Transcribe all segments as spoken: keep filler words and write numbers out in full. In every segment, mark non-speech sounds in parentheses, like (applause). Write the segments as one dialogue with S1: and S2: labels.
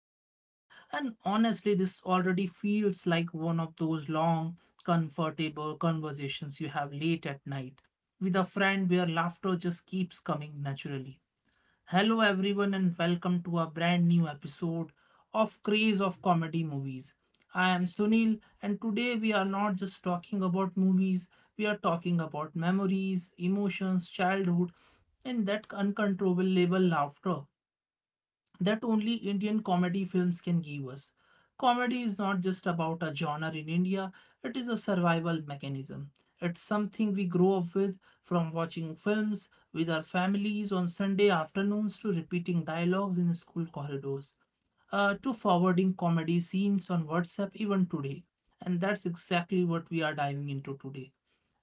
S1: is set, and honestly, this already feels like one of those long, comfortable conversations you have late at night with a friend where laughter just keeps coming naturally. Hello, everyone, and welcome to a brand new episode of Craze of Comedy Movies. I am Sunil, and today we are not just talking about movies, we are talking about memories, emotions, childhood, and that uncontrollable laughter that only Indian comedy films can give us. Comedy is not just about a genre in India, it is a survival mechanism. It's something we grow up with from watching films with our families on Sunday afternoons to repeating dialogues in school corridors, uh, to forwarding comedy scenes on WhatsApp even today. And that's exactly what we are diving into today,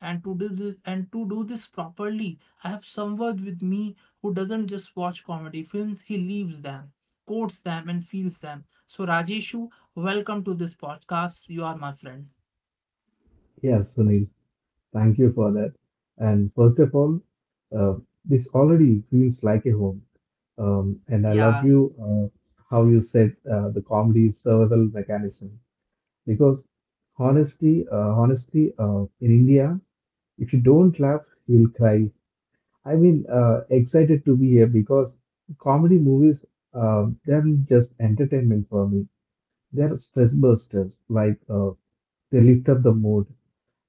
S1: and to do this and to do this properly, I have someone with me who doesn't just watch comedy films, he lives them, quotes them, and feels them. So Rajeshu, welcome to this podcast. You are my friend.
S2: Yes, Sunil, thank you for that. And first of all, uh, this already feels like a home. Um, and I love
S1: Yeah.
S2: you, uh, how you said uh, the comedy is survival mechanism because honestly, uh, honestly, uh, in India, if you don't laugh, you'll cry. I mean, uh, excited to be here because comedy movies, um, they're just entertainment for me. They're stress busters, like uh, they lift up the mood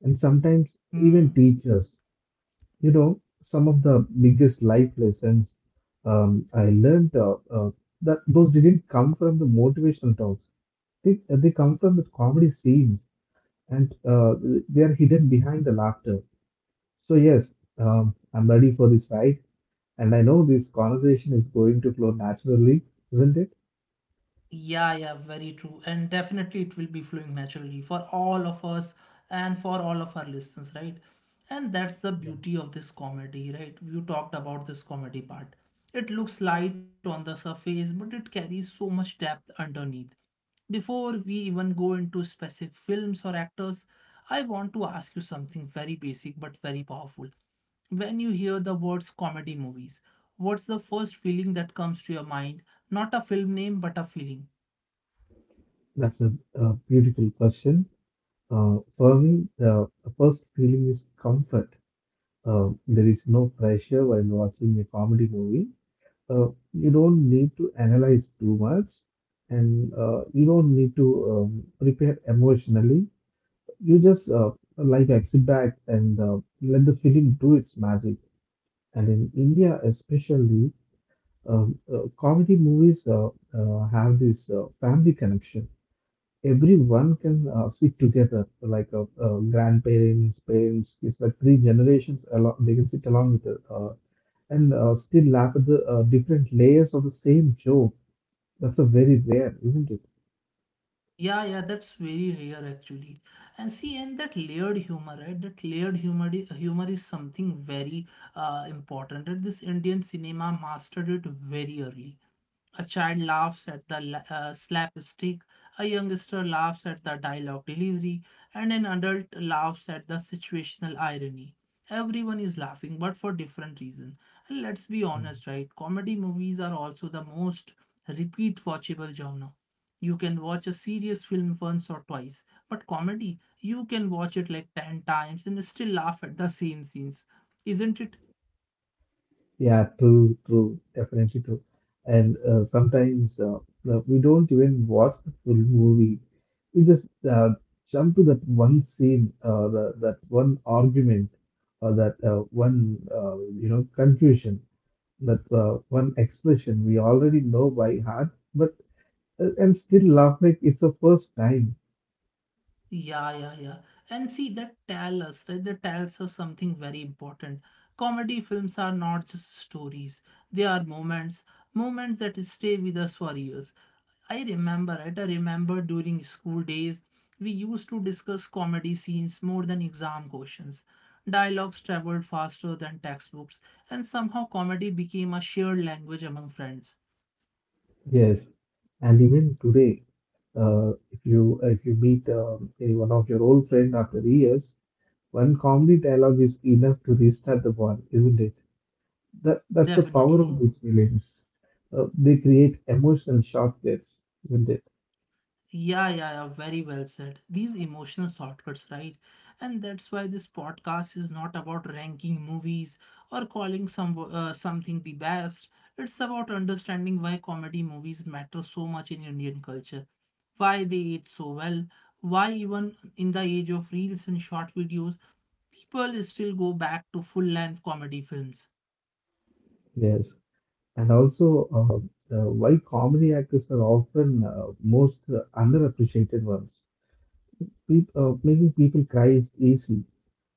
S2: and sometimes even
S1: hmm.
S2: teach us. You know, some of the biggest life lessons, um, I learned uh, uh, that those didn't come from the motivational talks. They, they come from the comedy scenes and uh, they are hidden behind the laughter. So, yes, um, I'm ready for this ride. And I know this conversation is going to flow naturally, isn't it?
S1: Yeah, yeah, very true, and definitely it will be flowing naturally for all of us and for all of our listeners, right? And that's the beauty of this comedy, right? You talked about this comedy part. It looks light on the surface, but it carries so much depth underneath. Before we even go into specific films or actors, I want to ask you something very basic but very powerful. When you hear the words comedy movies, what's the first feeling that comes to your mind? Not a film name, but a feeling.
S2: That's a, a beautiful question. Uh, for me, the first feeling is comfort. Uh, there is no pressure while watching a comedy movie. Uh, you don't need to analyze too much and uh, you don't need to um, prepare emotionally. You just uh, like that, sit back and uh, let the film do its magic. And in India, especially, um, uh, comedy movies uh, uh, have this uh, family connection. Everyone can uh, sit together, like uh, uh, grandparents, parents. It's like three generations. Along, they can sit along with it, uh, and uh, still laugh at the uh, different layers of the same joke. That's a very rare, isn't it?
S1: Yeah, yeah, that's very rare actually. And see, and that layered humor, right? That layered humor, i- humor is something very uh, important. And this Indian cinema mastered it very early. A child laughs at the la- uh, slapstick, a youngster laughs at the dialogue delivery, and an adult laughs at the situational irony. Everyone is laughing, but for different reasons. And let's be
S2: Yeah,
S1: honest, right? Comedy movies are also the most repeat watchable genre. You can watch a serious film once or twice, but comedy, you can watch it like ten times and still laugh at the same scenes. Isn't it?
S2: yeah, true, true, definitely true. And uh, sometimes uh, uh, we don't even watch the full movie. We just uh, jump to that one scene, uh, the, that one argument, or that uh, one uh, you know confusion, that uh, one expression we already know by heart, but uh, and still laugh like it's the first time.
S1: Yeah, yeah, yeah. And see, that tell us, right? That tells us something very important. Comedy films are not just stories; they are moments, moments that stay with us for years. I remember, right? I remember during school days, we used to discuss comedy scenes more than exam questions. Dialogues traveled faster than textbooks, and somehow comedy became a shared language among friends.
S2: Yes, and even today, uh, if you uh, if you meet, um, any one of your old friend after years, one comedy dialogue is enough to restart the bond, isn't it? That that's the power of
S1: Definitely.
S2: these feelings. Uh, they create emotional shortcuts, isn't it?
S1: Yeah, yeah, yeah, very well said. These emotional shortcuts, right? And that's why this podcast is not about ranking movies or calling some uh, something the best. It's about understanding why comedy movies matter so much in Indian culture, why they age so well, why even in the age of reels and short videos, people still go back to full-length comedy films.
S2: Yes, and also uh, uh, why comedy actors are often uh, most uh, underappreciated ones. Peop uh, Making people cry is easy.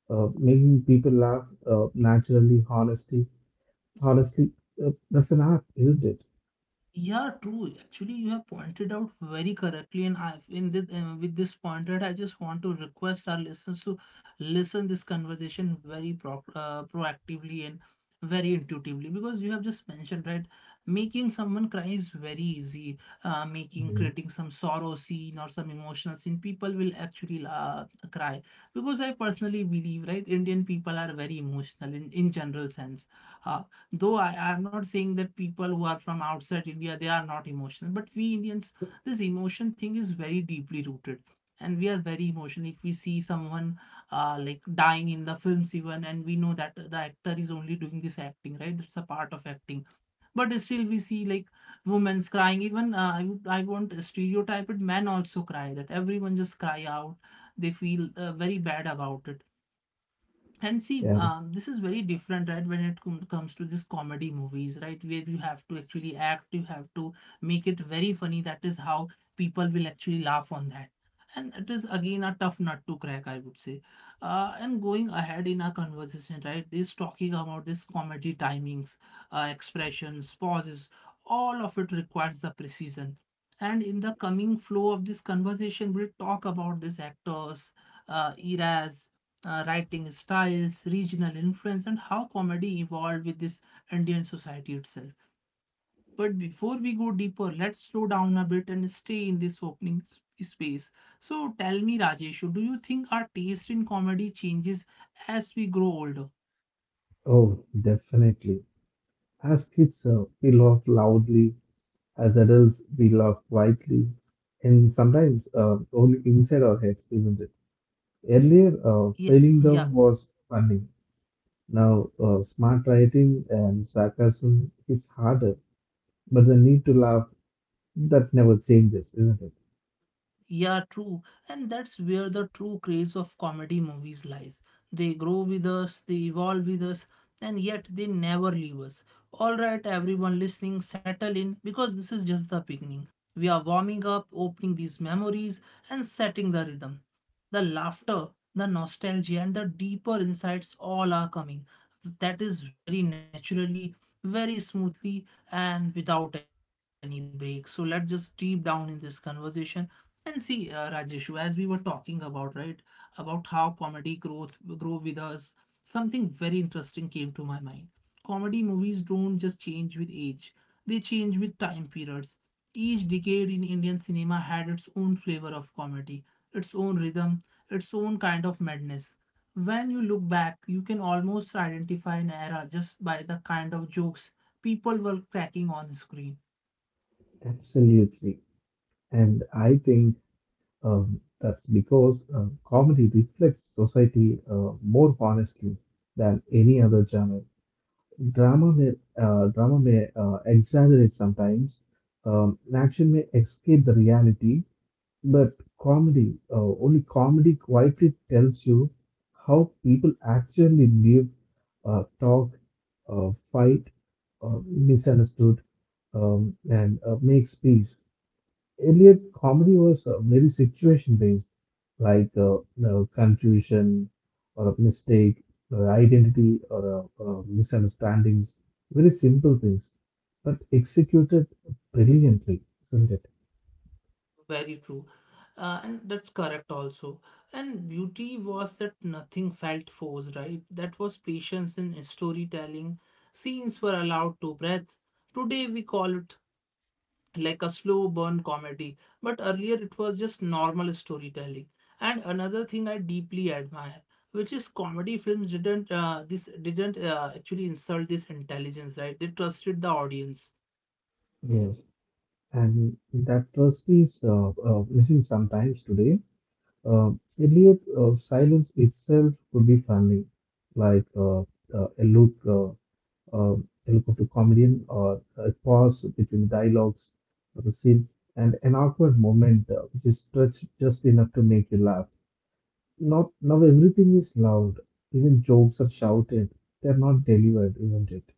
S2: Uh, making people laugh, uh, naturally, honesty Honestly, uh, that's an art, isn't it?
S1: Yeah, true. Actually, you have pointed out very correctly, and I, in this, uh, with this pointed, I just want to request our listeners to listen this conversation very pro- uh, proactively and very intuitively because you have just mentioned right, making someone cry is very easy. Uh, making
S2: Mhm.
S1: creating some sorrow scene or some emotional scene, people will actually uh, cry because I personally believe right, Indian people are very emotional in in general sense. Uh, though I, I'm not saying that people who are from outside India they are not emotional, but we Indians, this emotion thing is very deeply rooted, and we are very emotional. If we see someone uh, like dying in the films even, and we know that the actor is only doing this acting, right? That's a part of acting. But still, we see like women's crying. Even uh, I would- I won't stereotype it. Men also cry. That everyone just cry out. They feel uh, very bad about it. And see
S2: Yeah.
S1: um, this is very different right when it com- comes to this comedy movies right where you have to actually act, you have to make it very funny. That is how people will actually laugh on that, and it is again a tough nut to crack, I would say. Uh, and going ahead in our conversation right is talking about this comedy timings, uh, expressions, pauses, all of it requires the precision. And in the coming flow of this conversation we'll talk about these actors, uh, eras, uh, writing styles, regional influence, and how comedy evolved with this Indian society itself. But before we go deeper, let's slow down a bit and stay in this opening s- space. So tell me, Rajesh, do you think our taste in comedy changes as we grow older?
S2: Oh, definitely. As kids, uh, we laugh loudly. As adults, we laugh quietly. And sometimes uh, only inside our heads, isn't it? Earlier, uh,
S1: Yeah,
S2: failing
S1: yeah.
S2: down was funny. Now, uh, smart writing and sarcasm is harder, but the need to laugh, that never changes, isn't it?
S1: Yeah, true. And that's where the true craze of comedy movies lies. They grow with us, they evolve with us, and yet they never leave us. All right, everyone listening, settle in because this is just the beginning. We are warming up, opening these memories, and setting the rhythm. The laughter, the nostalgia, and the deeper insights all are coming, that is very naturally, very smoothly, and without any breaks. So let's just deep down in this conversation and see, uh, Rajeshu, as we were talking about right, about how comedy growth grow with us, something very interesting came to my mind. Comedy movies don't just change with age, they change with time periods. Each decade in Indian cinema had its own flavor of comedy, its own rhythm, its own kind of madness. When you look back, you can almost identify an era just by the kind of jokes people were cracking on screen.
S2: Absolutely. And I think, Um, that's because uh, comedy reflects society uh, more honestly than any other genre. Drama may, uh, drama may uh, exaggerate sometimes, um, action may escape the reality, but comedy, uh, only comedy quietly tells you how people actually live, uh, talk, uh, fight, uh, misunderstood, um, and uh, makes peace. Earlier, comedy was uh, very situation based, like uh, you know, confusion or a mistake or identity or uh, uh, misunderstandings, very simple things, but executed brilliantly, isn't it?
S1: Very true. Uh, and that's correct also. And beauty was that nothing felt forced, right? That was patience in storytelling. Scenes were allowed to breathe. Today we call it like a slow burn comedy, but earlier it was just normal storytelling. And another thing I deeply admire, which is comedy films didn't uh, this didn't uh, actually insult this intelligence, right? They trusted the audience.
S2: Yes. And that trust is uh, uh, missing sometimes today. Uh, Earlier, uh, silence itself could be funny, like uh, uh, a look. Uh, um, eloquent comedian or a pause between dialogues of the scene and an awkward moment uh, which is touched just enough to make you laugh. Now, now everything is loud. Even jokes are shouted. They're not delivered, isn't it?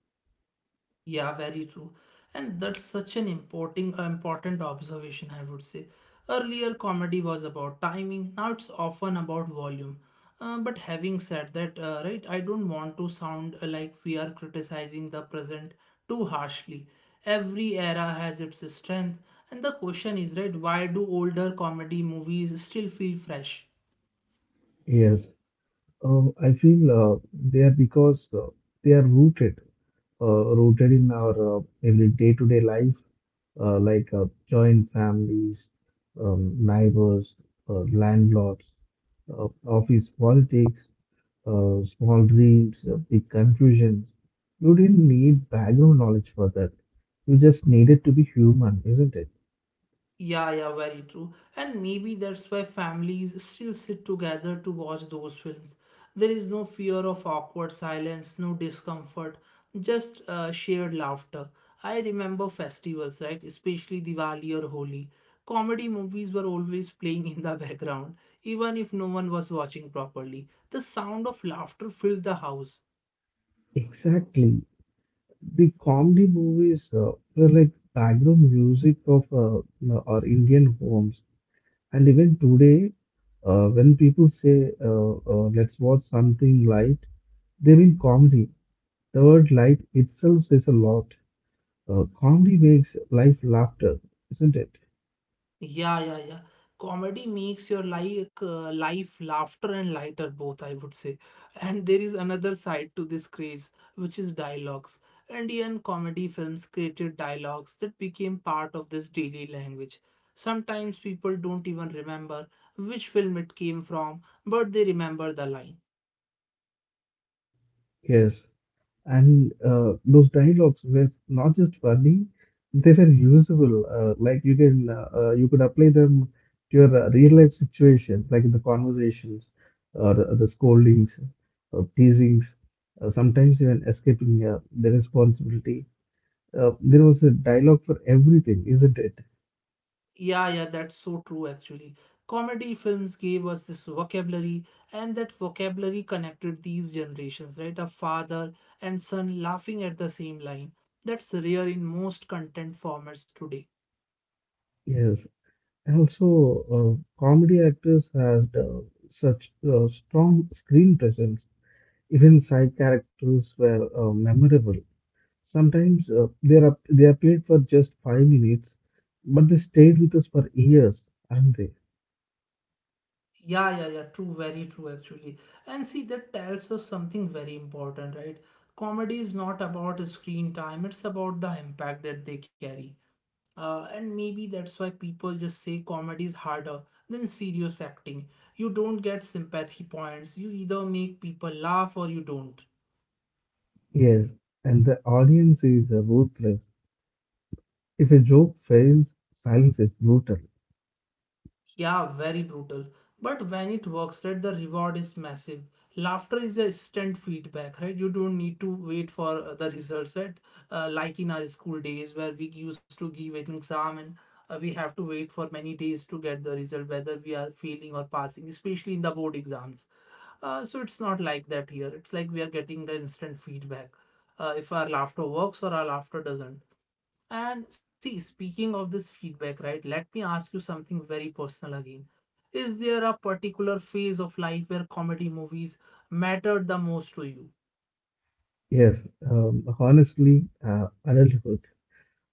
S1: Yeah, very true. And that's such an important important observation, I would say. Earlier, comedy was about timing. Now it's often about volume. Uh, but having said that, uh, right, I don't want to sound uh, like we are criticizing the present too harshly. Every era has its strength, and the question is, right, why do older comedy movies still feel fresh?
S2: Yes, Uh, I feel uh, they are because uh, they are rooted, uh, rooted in our uh, every day-to-day life, uh, like uh, joint families, um, neighbors, uh, landlords, uh, office politics, uh, small dreams, uh, big confusions. You didn't need background knowledge for that. You just needed to be human, isn't it?
S1: Yeah, yeah, very true. And maybe that's why families still sit together to watch those films. There is no fear of awkward silence, no discomfort, just uh, shared laughter. I remember festivals, right? Especially Diwali or Holi. Comedy movies were always playing in the (laughs) background, even if no one was watching properly. The sound of laughter filled the house.
S2: Exactly. The comedy movies uh, were like background music of uh, you our Indian homes. And even today, uh, when people say, uh, uh, let's watch something light, they mean comedy. The word light itself says a lot. Uh, comedy makes life laughter, isn't it?
S1: Yeah, yeah, yeah. Comedy makes your like uh, life laughter and lighter both, I would say. And there is another side to this craze, which is dialogues. Indian comedy films created dialogues that became part of this daily language. Sometimes people don't even remember which film it came from, but they remember the line.
S2: Yes. And uh, those dialogues were not just funny, they were usable. Uh, like you can uh, uh, you could apply them to your uh, real life situations, like in the conversations or the, the scoldings or teasings, uh, sometimes even escaping uh, the responsibility. Uh, there was a dialogue for everything, isn't it?
S1: Yeah, yeah, that's so true actually. Comedy films gave us this vocabulary, and that vocabulary connected these generations, right? A father and son laughing at the same line. That's rare in most content formats today.
S2: Yes. Also, uh, comedy actors had uh, such uh, strong screen presence. Even side characters were uh, memorable. Sometimes uh, they are they appeared for just five minutes, but they stayed with us for years, aren't they?
S1: Yeah, yeah, yeah, true, very true actually. And see, that tells us something very important, right? Comedy is not about screen time, it's about the impact that they carry. Uh, and maybe that's why people just say comedy is harder than serious acting. You don't get sympathy points. You either make people laugh or you don't.
S2: Yes, and the audience is uh, ruthless. If a joke fails, silence is brutal.
S1: Yeah, very brutal. But when it works, right, the reward is massive. Laughter is a instant feedback, right? You don't need to wait for uh, the results, right? Uh, like in our school days where we used to give an exam and uh, we have to wait for many days to get the result, whether we are failing or passing, especially in the board exams. Uh, so it's not like that here. It's like we are getting the instant feedback, uh, if our laughter works or our laughter doesn't. And see, speaking of this feedback, right, let me ask you something very personal again. Is there a particular phase of life where comedy movies mattered the most to you?
S2: Yes, um, honestly, uh, adulthood.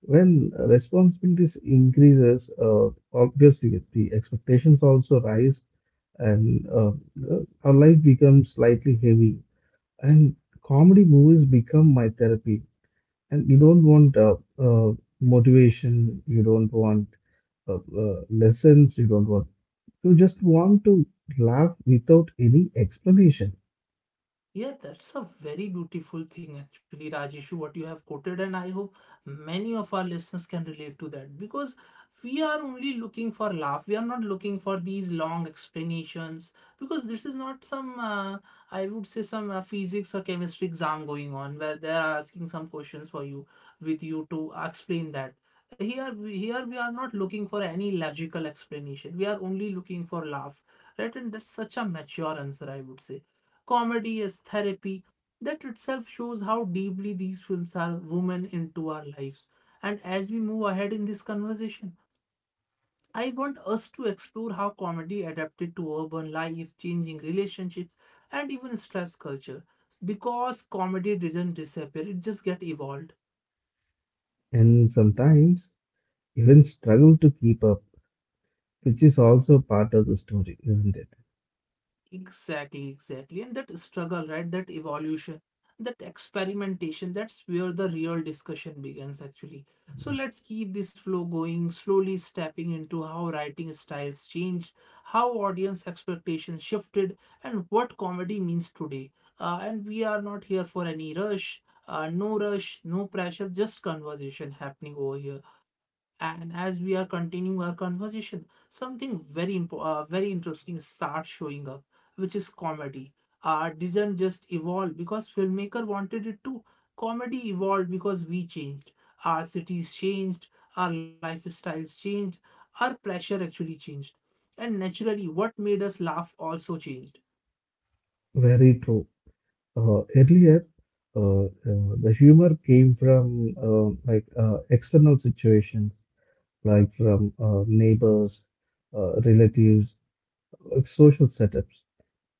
S2: When uh, responsibilities increases, uh, obviously the expectations also rise, and uh, uh, our life becomes slightly heavy. And comedy movies become my therapy. And you don't want uh, uh, motivation, you don't want uh, uh, lessons, you don't want, you just want to laugh without any explanation.
S1: Yeah, that's a very beautiful thing, actually, Rajeshu, what you have quoted, and I hope many of our listeners can relate to that because we are only looking for laugh. We are not looking for these long explanations because this is not some, uh, I would say, some uh, physics or chemistry exam going on where they are asking some questions for you with you to explain that. Here, we- here we are not looking for any logical explanation. We are only looking for laugh, right? And that's such a mature answer, I would say comedy as therapy. That itself shows how deeply these films are woven into our lives. And as we move ahead in this conversation, I want us to explore how comedy adapted to urban life, changing relationships, and even stress culture. Because comedy didn't disappear, it just get evolved.
S2: And sometimes even struggle to keep up, which is also part of the story, isn't it?
S1: Exactly, exactly. And that struggle, right? That evolution, that experimentation, that's where the real discussion begins, actually. So
S2: Yeah.
S1: let's keep this flow going, slowly stepping into how writing styles changed, how audience expectations shifted, and what comedy means today. Uh, and we are not here for any rush, uh, no rush, no pressure, just conversation happening over here. And as we are continuing our conversation, something very impo- uh, very interesting starts showing up, which is comedy. Art didn't just evolve because filmmaker wanted it to. Comedy evolved because we changed. Our cities changed, our lifestyles changed, our pressure actually changed. And naturally, what made us laugh also changed.
S2: Very true. Uh, earlier, uh, uh, the humor came from uh, like uh, external situations, like from uh, neighbors, uh, relatives, uh, social setups.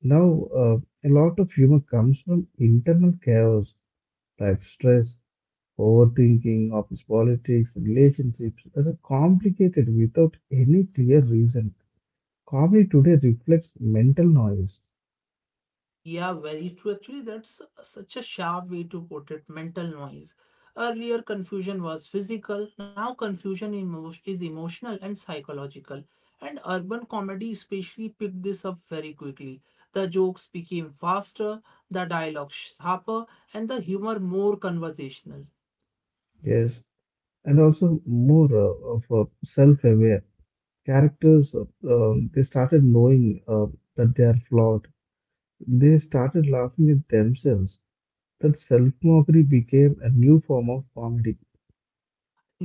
S2: Now, uh, a lot of humor comes from internal chaos like stress, overthinking, office politics, relationships that are complicated without any clear reason. Comedy today reflects mental noise,
S1: Yeah, very true. Actually, that's such a sharp way to put it. Mental noise. Earlier, confusion was physical. Now, confusion emo- is emotional and psychological. And urban comedy especially picked this up very quickly. The jokes became faster, the dialogue sharper, and the humor more conversational.
S2: yes, and also more uh, of uh, self-aware characters. Uh, um, they started knowing uh, that they are flawed. They started laughing at themselves. That self-mockery became a new form of comedy.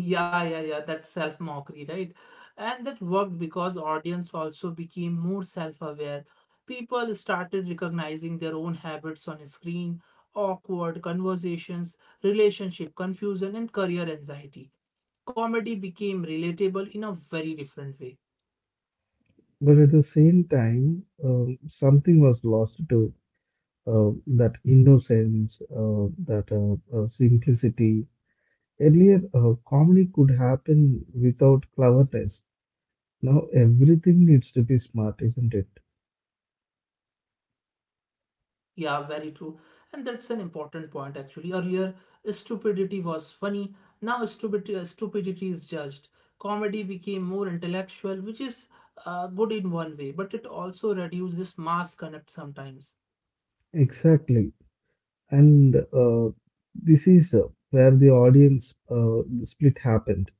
S1: Yeah, yeah, yeah, that self-mockery, right? And that worked because audience also became more self-aware. People started recognizing their own habits on screen, awkward conversations, relationship confusion, and career anxiety. Comedy became relatable in a very different way.
S2: But at the same time, um, something was lost to uh, that innocence, uh, that uh, uh, simplicity. Earlier, uh, comedy could happen without cleverness. Now everything needs to be smart, isn't it?
S1: Yeah, very true. And that's an important point actually. Earlier, stupidity was funny. Now, stupidity, uh, stupidity is judged. Comedy became more intellectual, which is uh, good in one way, but it also reduces mass connect sometimes.
S2: Exactly. And uh, this is uh, where the audience uh, split happened.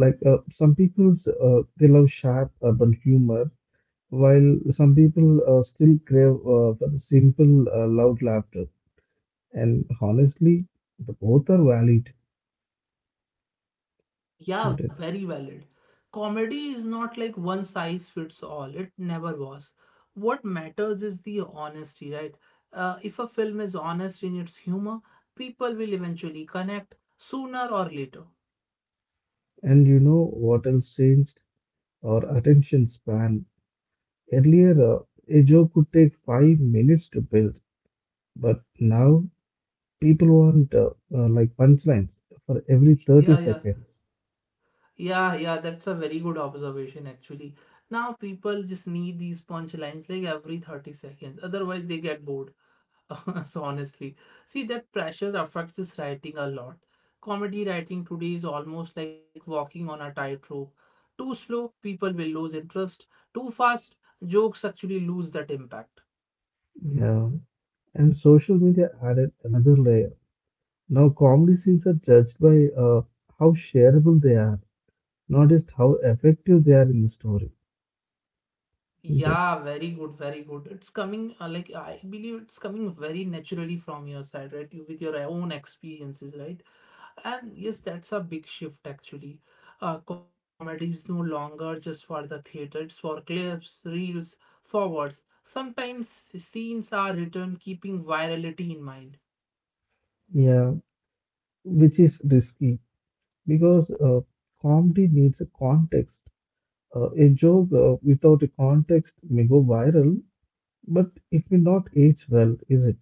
S2: Like uh, some people, uh, they love sharp urban humor, while some people uh, still crave uh, for the simple, uh, loud laughter. And honestly, the both are valid,
S1: Yeah,
S2: isn't it?
S1: very valid. Comedy is not like one size fits all, it never was. What matters is the honesty, right? Uh, if a film is honest in its humor, people will eventually connect sooner or later.
S2: And you know what else changed? Our attention span. Earlier, uh, a joke could take five minutes to build, but now people want uh, uh, like punchlines for every thirty
S1: Yeah, yeah,
S2: seconds.
S1: yeah, yeah. That's a very good observation, actually. Now people just need these punchlines like every thirty seconds, otherwise, they get bored. (laughs) So, honestly, see that pressure affects this writing a lot. Comedy writing today is almost like walking on a tightrope. Too slow, people will lose interest. Too fast, jokes actually lose that impact.
S2: Yeah. And social media added another layer. Now, comedy scenes are judged by uh, how shareable they are, not just how effective they are in the story, isn't it?
S1: Yeah, very good, very good. It's coming, uh, like, I believe it's coming very naturally from your side, right? You, with your own experiences, right? And yes, that's a big shift actually. Uh, comedy is no longer just for the theater, it's for clips, reels, forwards. Sometimes scenes are written keeping virality in mind.
S2: Yeah, which is risky because uh, comedy needs a context. Uh, a joke uh, without a context may go viral, but it may not age well, is it?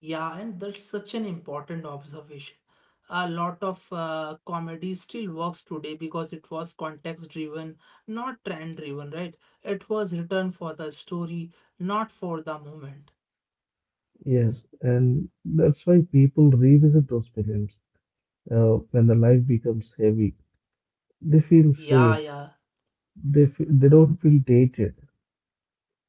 S1: Yeah, and that's such an important observation. A lot of uh, comedy still works today because it was context driven, not trend driven, right? It was written for the story, not for the moment.
S2: Yes, and that's why people revisit those films uh, when the life becomes heavy. They feel
S1: Yeah,
S2: safe.
S1: yeah.
S2: They feel, they don't feel dated.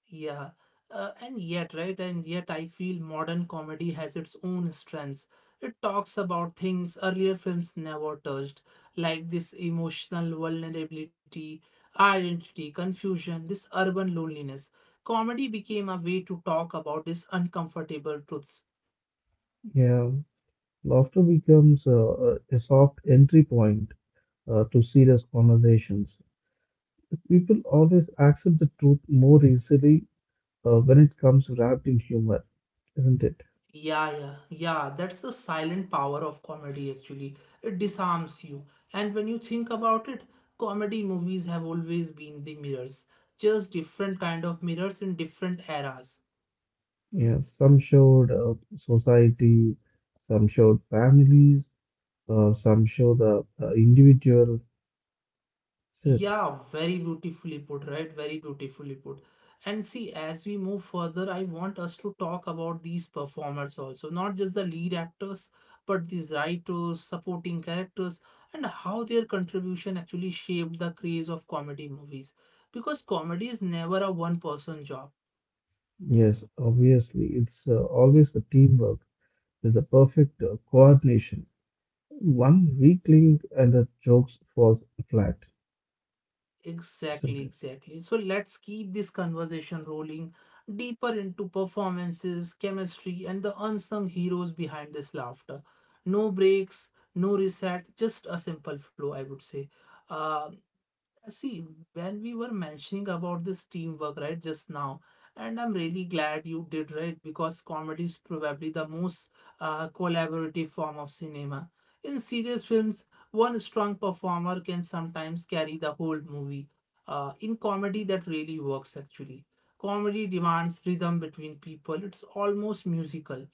S1: Yeah, uh, and yet, right, and yet I feel modern comedy has its own strengths. It talks about things earlier films never touched, like this emotional vulnerability, identity, confusion, this urban loneliness. Comedy became a way to talk about these uncomfortable truths.
S2: Yeah, laughter becomes uh, a a soft entry point uh, to serious conversations. People always accept the truth more easily uh, when it comes wrapped in humor, isn't it?
S1: Yeah, yeah, yeah. That's the silent power of comedy, actually. It disarms you. And when you think about it, comedy movies have always been the mirrors, just different kind of mirrors in different eras.
S2: Yeah, some showed uh, society, some showed families, uh, some show the uh, individual. That's it.
S1: Yeah, very beautifully put, right? Very beautifully put. And see, as we move further, I want us to talk about these performers also, not just the lead actors, but these writers, supporting characters, and how their contribution actually shaped the craze of comedy movies. Because comedy is never a one person job.
S2: Yes, obviously, it's uh, always the teamwork. There's a perfect uh, coordination. One weak link and the jokes falls flat, isn't
S1: Exactly,
S2: it?
S1: exactly. So let's keep this conversation rolling deeper into performances, chemistry, and the unsung heroes behind this laughter. No breaks, no reset, just a simple flow, I would say. Uh, uh, See, when we were mentioning about this teamwork, right, just now, and I'm really glad you did, right, because comedy is probably the most uh, collaborative form of cinema. In serious films, one strong performer can sometimes carry the whole movie. Uh, in comedy, that really works actually. Comedy demands rhythm between people, it's almost musical.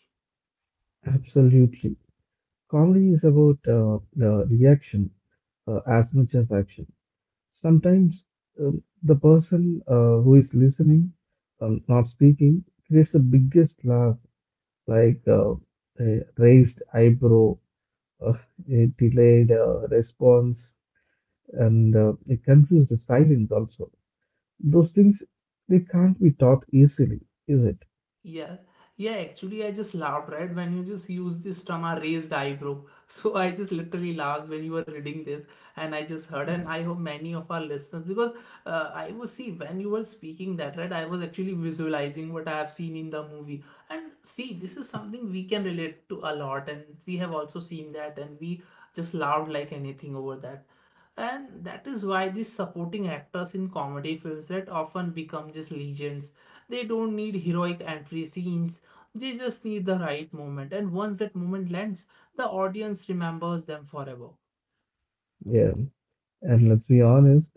S2: Absolutely. Comedy is about uh, the reaction uh, as much as action. Sometimes um, the person uh, who is listening, um, not speaking, creates the biggest laugh, like uh, a raised eyebrow, (laughs) uh, a delayed uh, response, and uh, a confused silence also. Those things, they can't be taught easily, is it?
S1: Yeah, yeah, actually, I just laughed, right? When you just use this term, a raised eyebrow. (laughs) So I just literally laughed when you were reading this, and I just heard, and I hope many of our listeners, because uh, I was, see, when you were speaking that, right, I was actually visualizing what I have seen in the movie. And see, this is something we can relate to a lot, and we have also seen that, and we just laughed like anything over that. And that is why these supporting actors in comedy films that often become just legends, they don't need heroic entry scenes. They just need the right moment, and once that moment lands, the audience remembers them forever.
S2: Yeah. And let's be honest,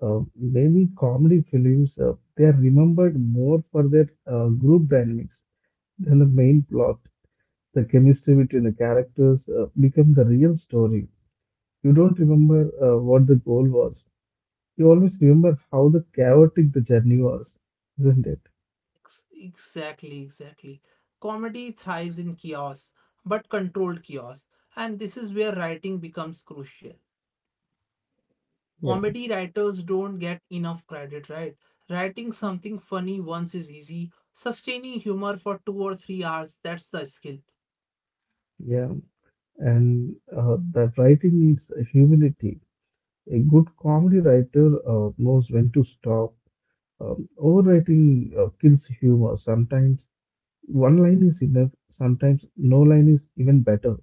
S2: uh, many comedy films, uh, they are remembered more for their uh, group dynamics than the main plot. The chemistry between the characters uh, become the real story. You don't remember uh, what the goal was. You always remember how the chaotic the journey was, isn't it?
S1: Ex- Exactly, exactly. Comedy thrives in chaos, but controlled chaos, and this is where writing becomes crucial.
S2: Yeah,
S1: Comedy writers don't get enough credit, right? Writing something funny once is easy. Sustaining humor for two or three hours, that's the skill.
S2: yeah. And uh, that writing needs humility. A good comedy writer uh, knows when to stop. Um, overwriting uh, kills humor. Sometimes one line is enough. Sometimes no line is even better.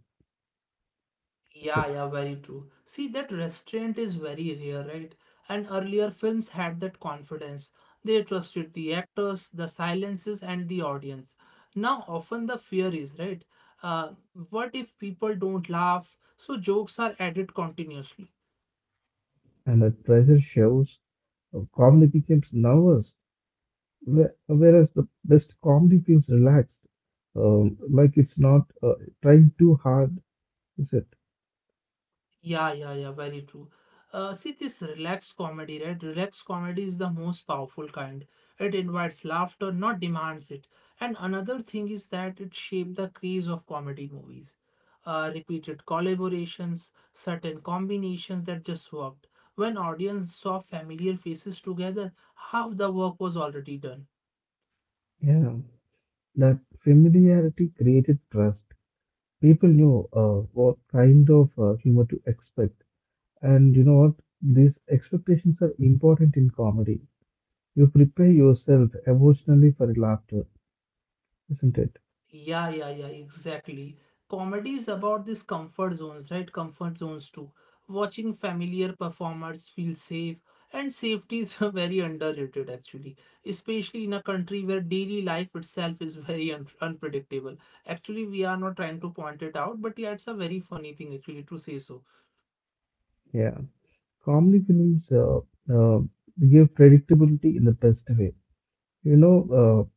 S1: Yeah, yeah, very true. See, that restraint is very rare, right? And earlier films had that confidence. They trusted the actors, the silences, and the audience. Now, often the fear is, right? Uh, what if people don't laugh? So jokes are added continuously.
S2: And that pressure shows. Uh, comedy becomes nervous. Whe- Whereas the best comedy feels relaxed, um, like it's not uh, trying too hard, is it?
S1: Yeah, yeah, yeah, very true. Uh, see, this relaxed comedy, right? Relaxed comedy is the most powerful kind. It invites laughter, not demands it. And another thing is that it shaped the craze of comedy movies. Uh, repeated collaborations, certain combinations that just worked. When audience saw familiar faces together, half the work was already done.
S2: Yeah, that familiarity created trust. People knew uh, what kind of uh, humor to expect. And you know what? These expectations are important in comedy. You prepare yourself emotionally for laughter, isn't it?
S1: Yeah, yeah, yeah, exactly. Comedy is about these comfort zones, right? Comfort zones too. Watching familiar performers feel safe, and safety is (laughs) very underrated actually, especially in a country where daily life itself is (laughs) very un unpredictable. Actually, we are not trying to point it out, but yeah, it's a very funny thing actually to say so.
S2: Yeah. Comedy films uh, uh, give predictability in the best way. You know, uh,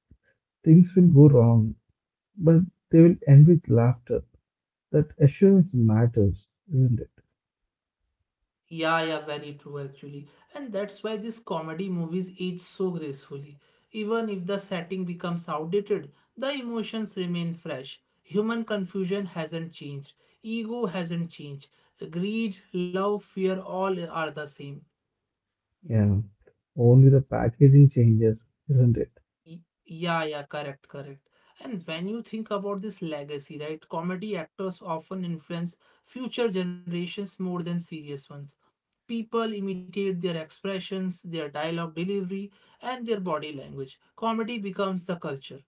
S2: things will go wrong but they will end with laughter. That assurance matters, isn't it?
S1: Yeah, yeah, very true actually. And that's why these comedy movies age so gracefully. Even if the setting becomes outdated, the emotions remain fresh. Human confusion hasn't changed. Ego hasn't changed. Greed, love, fear, all are the same.
S2: Yeah, only the packaging changes, isn't it?
S1: Y- Yeah, yeah, correct, correct. And when you think about this legacy, right, comedy actors often influence future generations more than serious ones. People imitate their expressions, their dialogue delivery, and their body language. Comedy becomes the culture.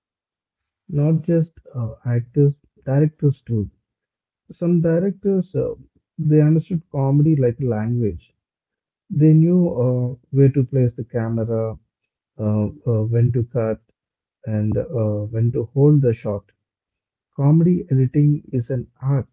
S2: Not just uh, actors, directors too. Some directors, uh, they understood comedy like a language. They knew uh, where to place the camera, uh, uh, when to cut, and uh, when to hold the shot. Comedy editing is an art.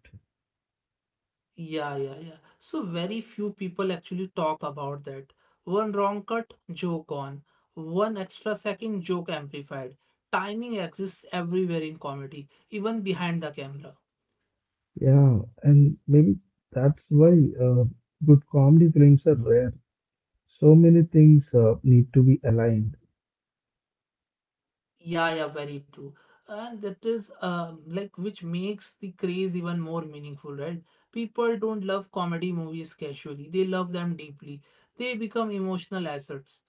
S1: Yeah, yeah, yeah. So very few people actually talk about that. One wrong cut, joke on. One extra second, joke amplified. Timing exists everywhere in comedy, even behind the camera.
S2: Yeah, and maybe that's why uh, good comedy films are rare. So many things uh, need to be aligned,
S1: Yeah, yeah, very true. And that is um, like which makes the craze even more meaningful, right? People don't love comedy movies casually, they love them deeply. They become emotional assets.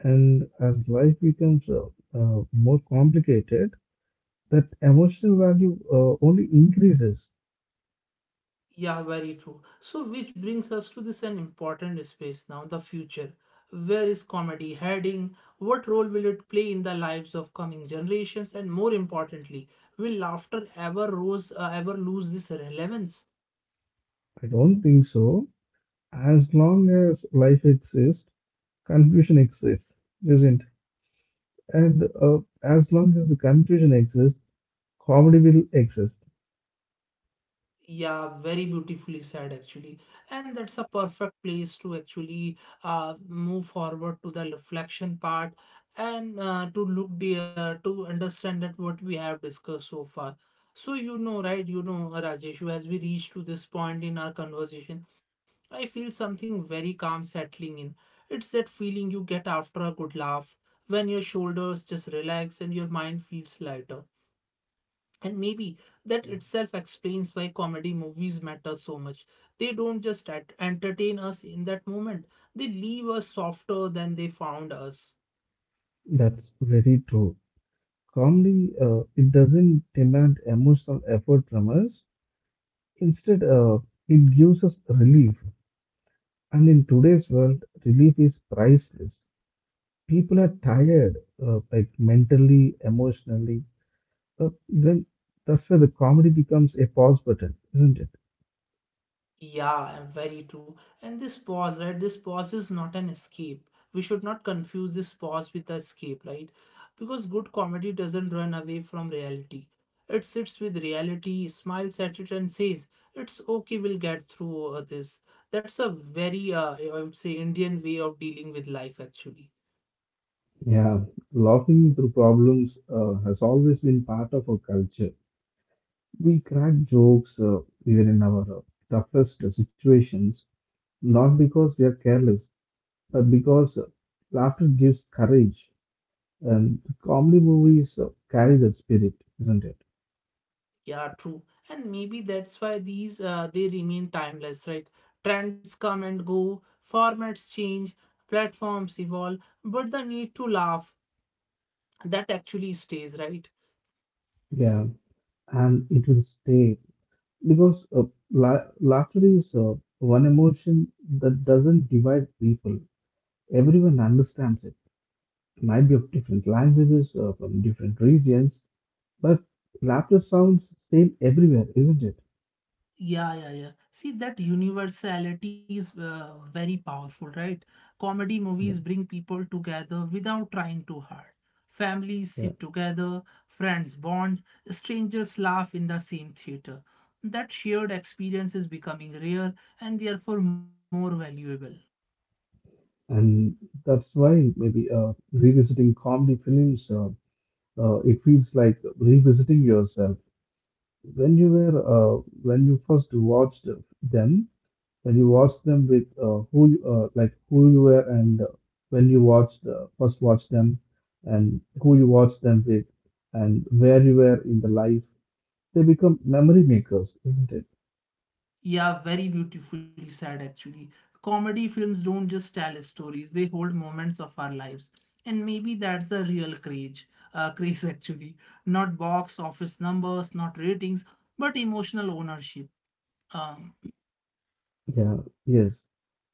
S2: and as life becomes uh, uh, more complicated, that emotional value uh, only increases.
S1: Yeah, very true. So, which brings us to this an important space now, the future. Where is comedy heading? What role will it play in the lives of coming generations? And more importantly, will laughter ever rose, uh, ever lose this relevance?
S2: I don't think so. As long as life exists, confusion exists, isn't? And uh, as long as the confusion exists, comedy will exist.
S1: Yeah, very beautifully said actually. And that's a perfect place to actually uh, move forward to the reflection part and uh, to look there to understand that what we have discussed so far. So you know, right, you know, Rajesh, as we reach to this point in our conversation, I feel something very calm settling in. It's that feeling you get after a good laugh, when your shoulders just relax and your mind feels lighter. And maybe that itself explains why comedy movies matter so much. They don't just ent- entertain us in that moment, they leave us softer than they found us.
S2: That's very true. Comedy, uh, it doesn't demand emotional effort from us. Instead, uh, it gives us relief. And in today's world, relief is priceless. People are tired, uh, like mentally, emotionally, Uh, then that's where the comedy becomes a pause button, isn't it?
S1: Yeah, and very true. And this pause, right? This pause is not an escape. We should not confuse this pause with the escape, right? Because good comedy doesn't run away from reality. It sits with reality, smiles at it, and says, "It's okay. We'll get through uh, this." That's a very, uh, I would say, Indian way of dealing with life, actually.
S2: Yeah, laughing through problems uh, has always been part of our culture. We crack jokes uh, even in our uh, toughest situations, not because we are careless, but because uh, laughter gives courage. And comedy movies uh, carry the spirit, isn't it?
S1: Yeah, true. And maybe that's why these uh, they remain timeless, right? Trends come and go, formats change, platforms evolve, but the need to laugh, that actually stays, right?
S2: Yeah, and it will stay because uh, la- laughter is uh, one emotion that doesn't divide people. Everyone understands it. Might be of different languages or from different regions, but laughter sounds same everywhere, isn't it?
S1: Yeah, yeah, yeah. See, that universality is uh, very powerful, right? Comedy movies
S2: Yeah,
S1: bring people together without trying too hard. Families
S2: yeah.
S1: sit together, friends bond, strangers laugh in the same theater. That shared experience is becoming rare and therefore more valuable.
S2: And that's why maybe uh, revisiting comedy films, uh, uh, it feels like revisiting yourself. When you were, uh, when you first watched them, when you watched them with uh, who, you- uh, like who you were, and uh, when you watched uh, first watched them, and who you watched them with, and where you were in the life. They become memory makers, isn't it?
S1: Yeah, very beautifully said actually. Comedy films don't just tell stories, they hold moments of our lives. And maybe that's the real craze, uh, craze (laughs) actually. Not box office numbers, not ratings, but emotional ownership. Um,
S2: Yeah, yes.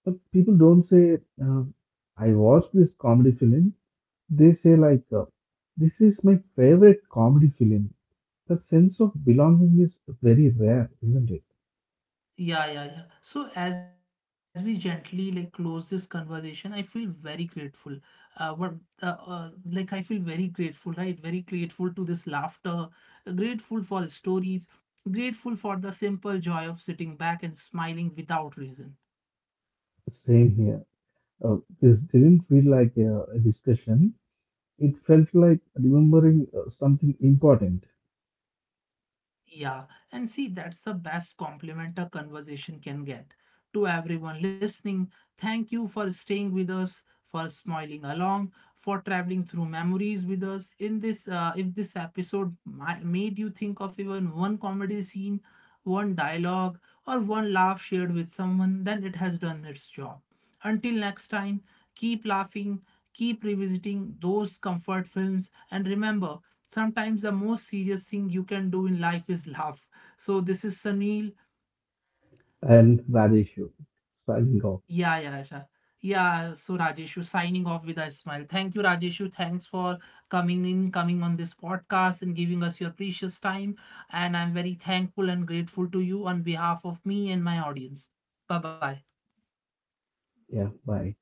S2: But people don't say, uh, I watched this comedy film. They say, like, uh, this is my favorite comedy film. That sense of belonging is very rare, isn't it?
S1: Yeah, yeah, yeah. So as we gently like close this conversation, I feel very grateful. Uh, what uh, uh, like I feel very grateful, right? Very grateful to this laughter, grateful for stories, grateful for the simple joy of sitting back and smiling without reason.
S2: Same here. Uh, this didn't feel like a, a discussion. It felt like remembering uh, something important.
S1: Yeah, and see, that's the best compliment a conversation can get. To everyone listening, thank you for staying with us, for smiling along, for traveling through memories with us. In this, uh, if this episode ma- made you think of even one comedy scene, one dialogue, or one laugh shared with someone, then it has done its job. Until next time, keep laughing, keep revisiting those comfort films, and remember, sometimes the most serious thing you can do in life is laugh. So this is Sunil.
S2: And Rajeshu, signing off.
S1: Yeah, yeah, yeah. Yeah, so Rajeshu signing off with a smile. Thank you, Rajeshu. Thanks for coming in, coming on this podcast and giving us your precious time. And I'm very thankful and grateful to you on behalf of me and my audience. Bye bye.
S2: Yeah, bye.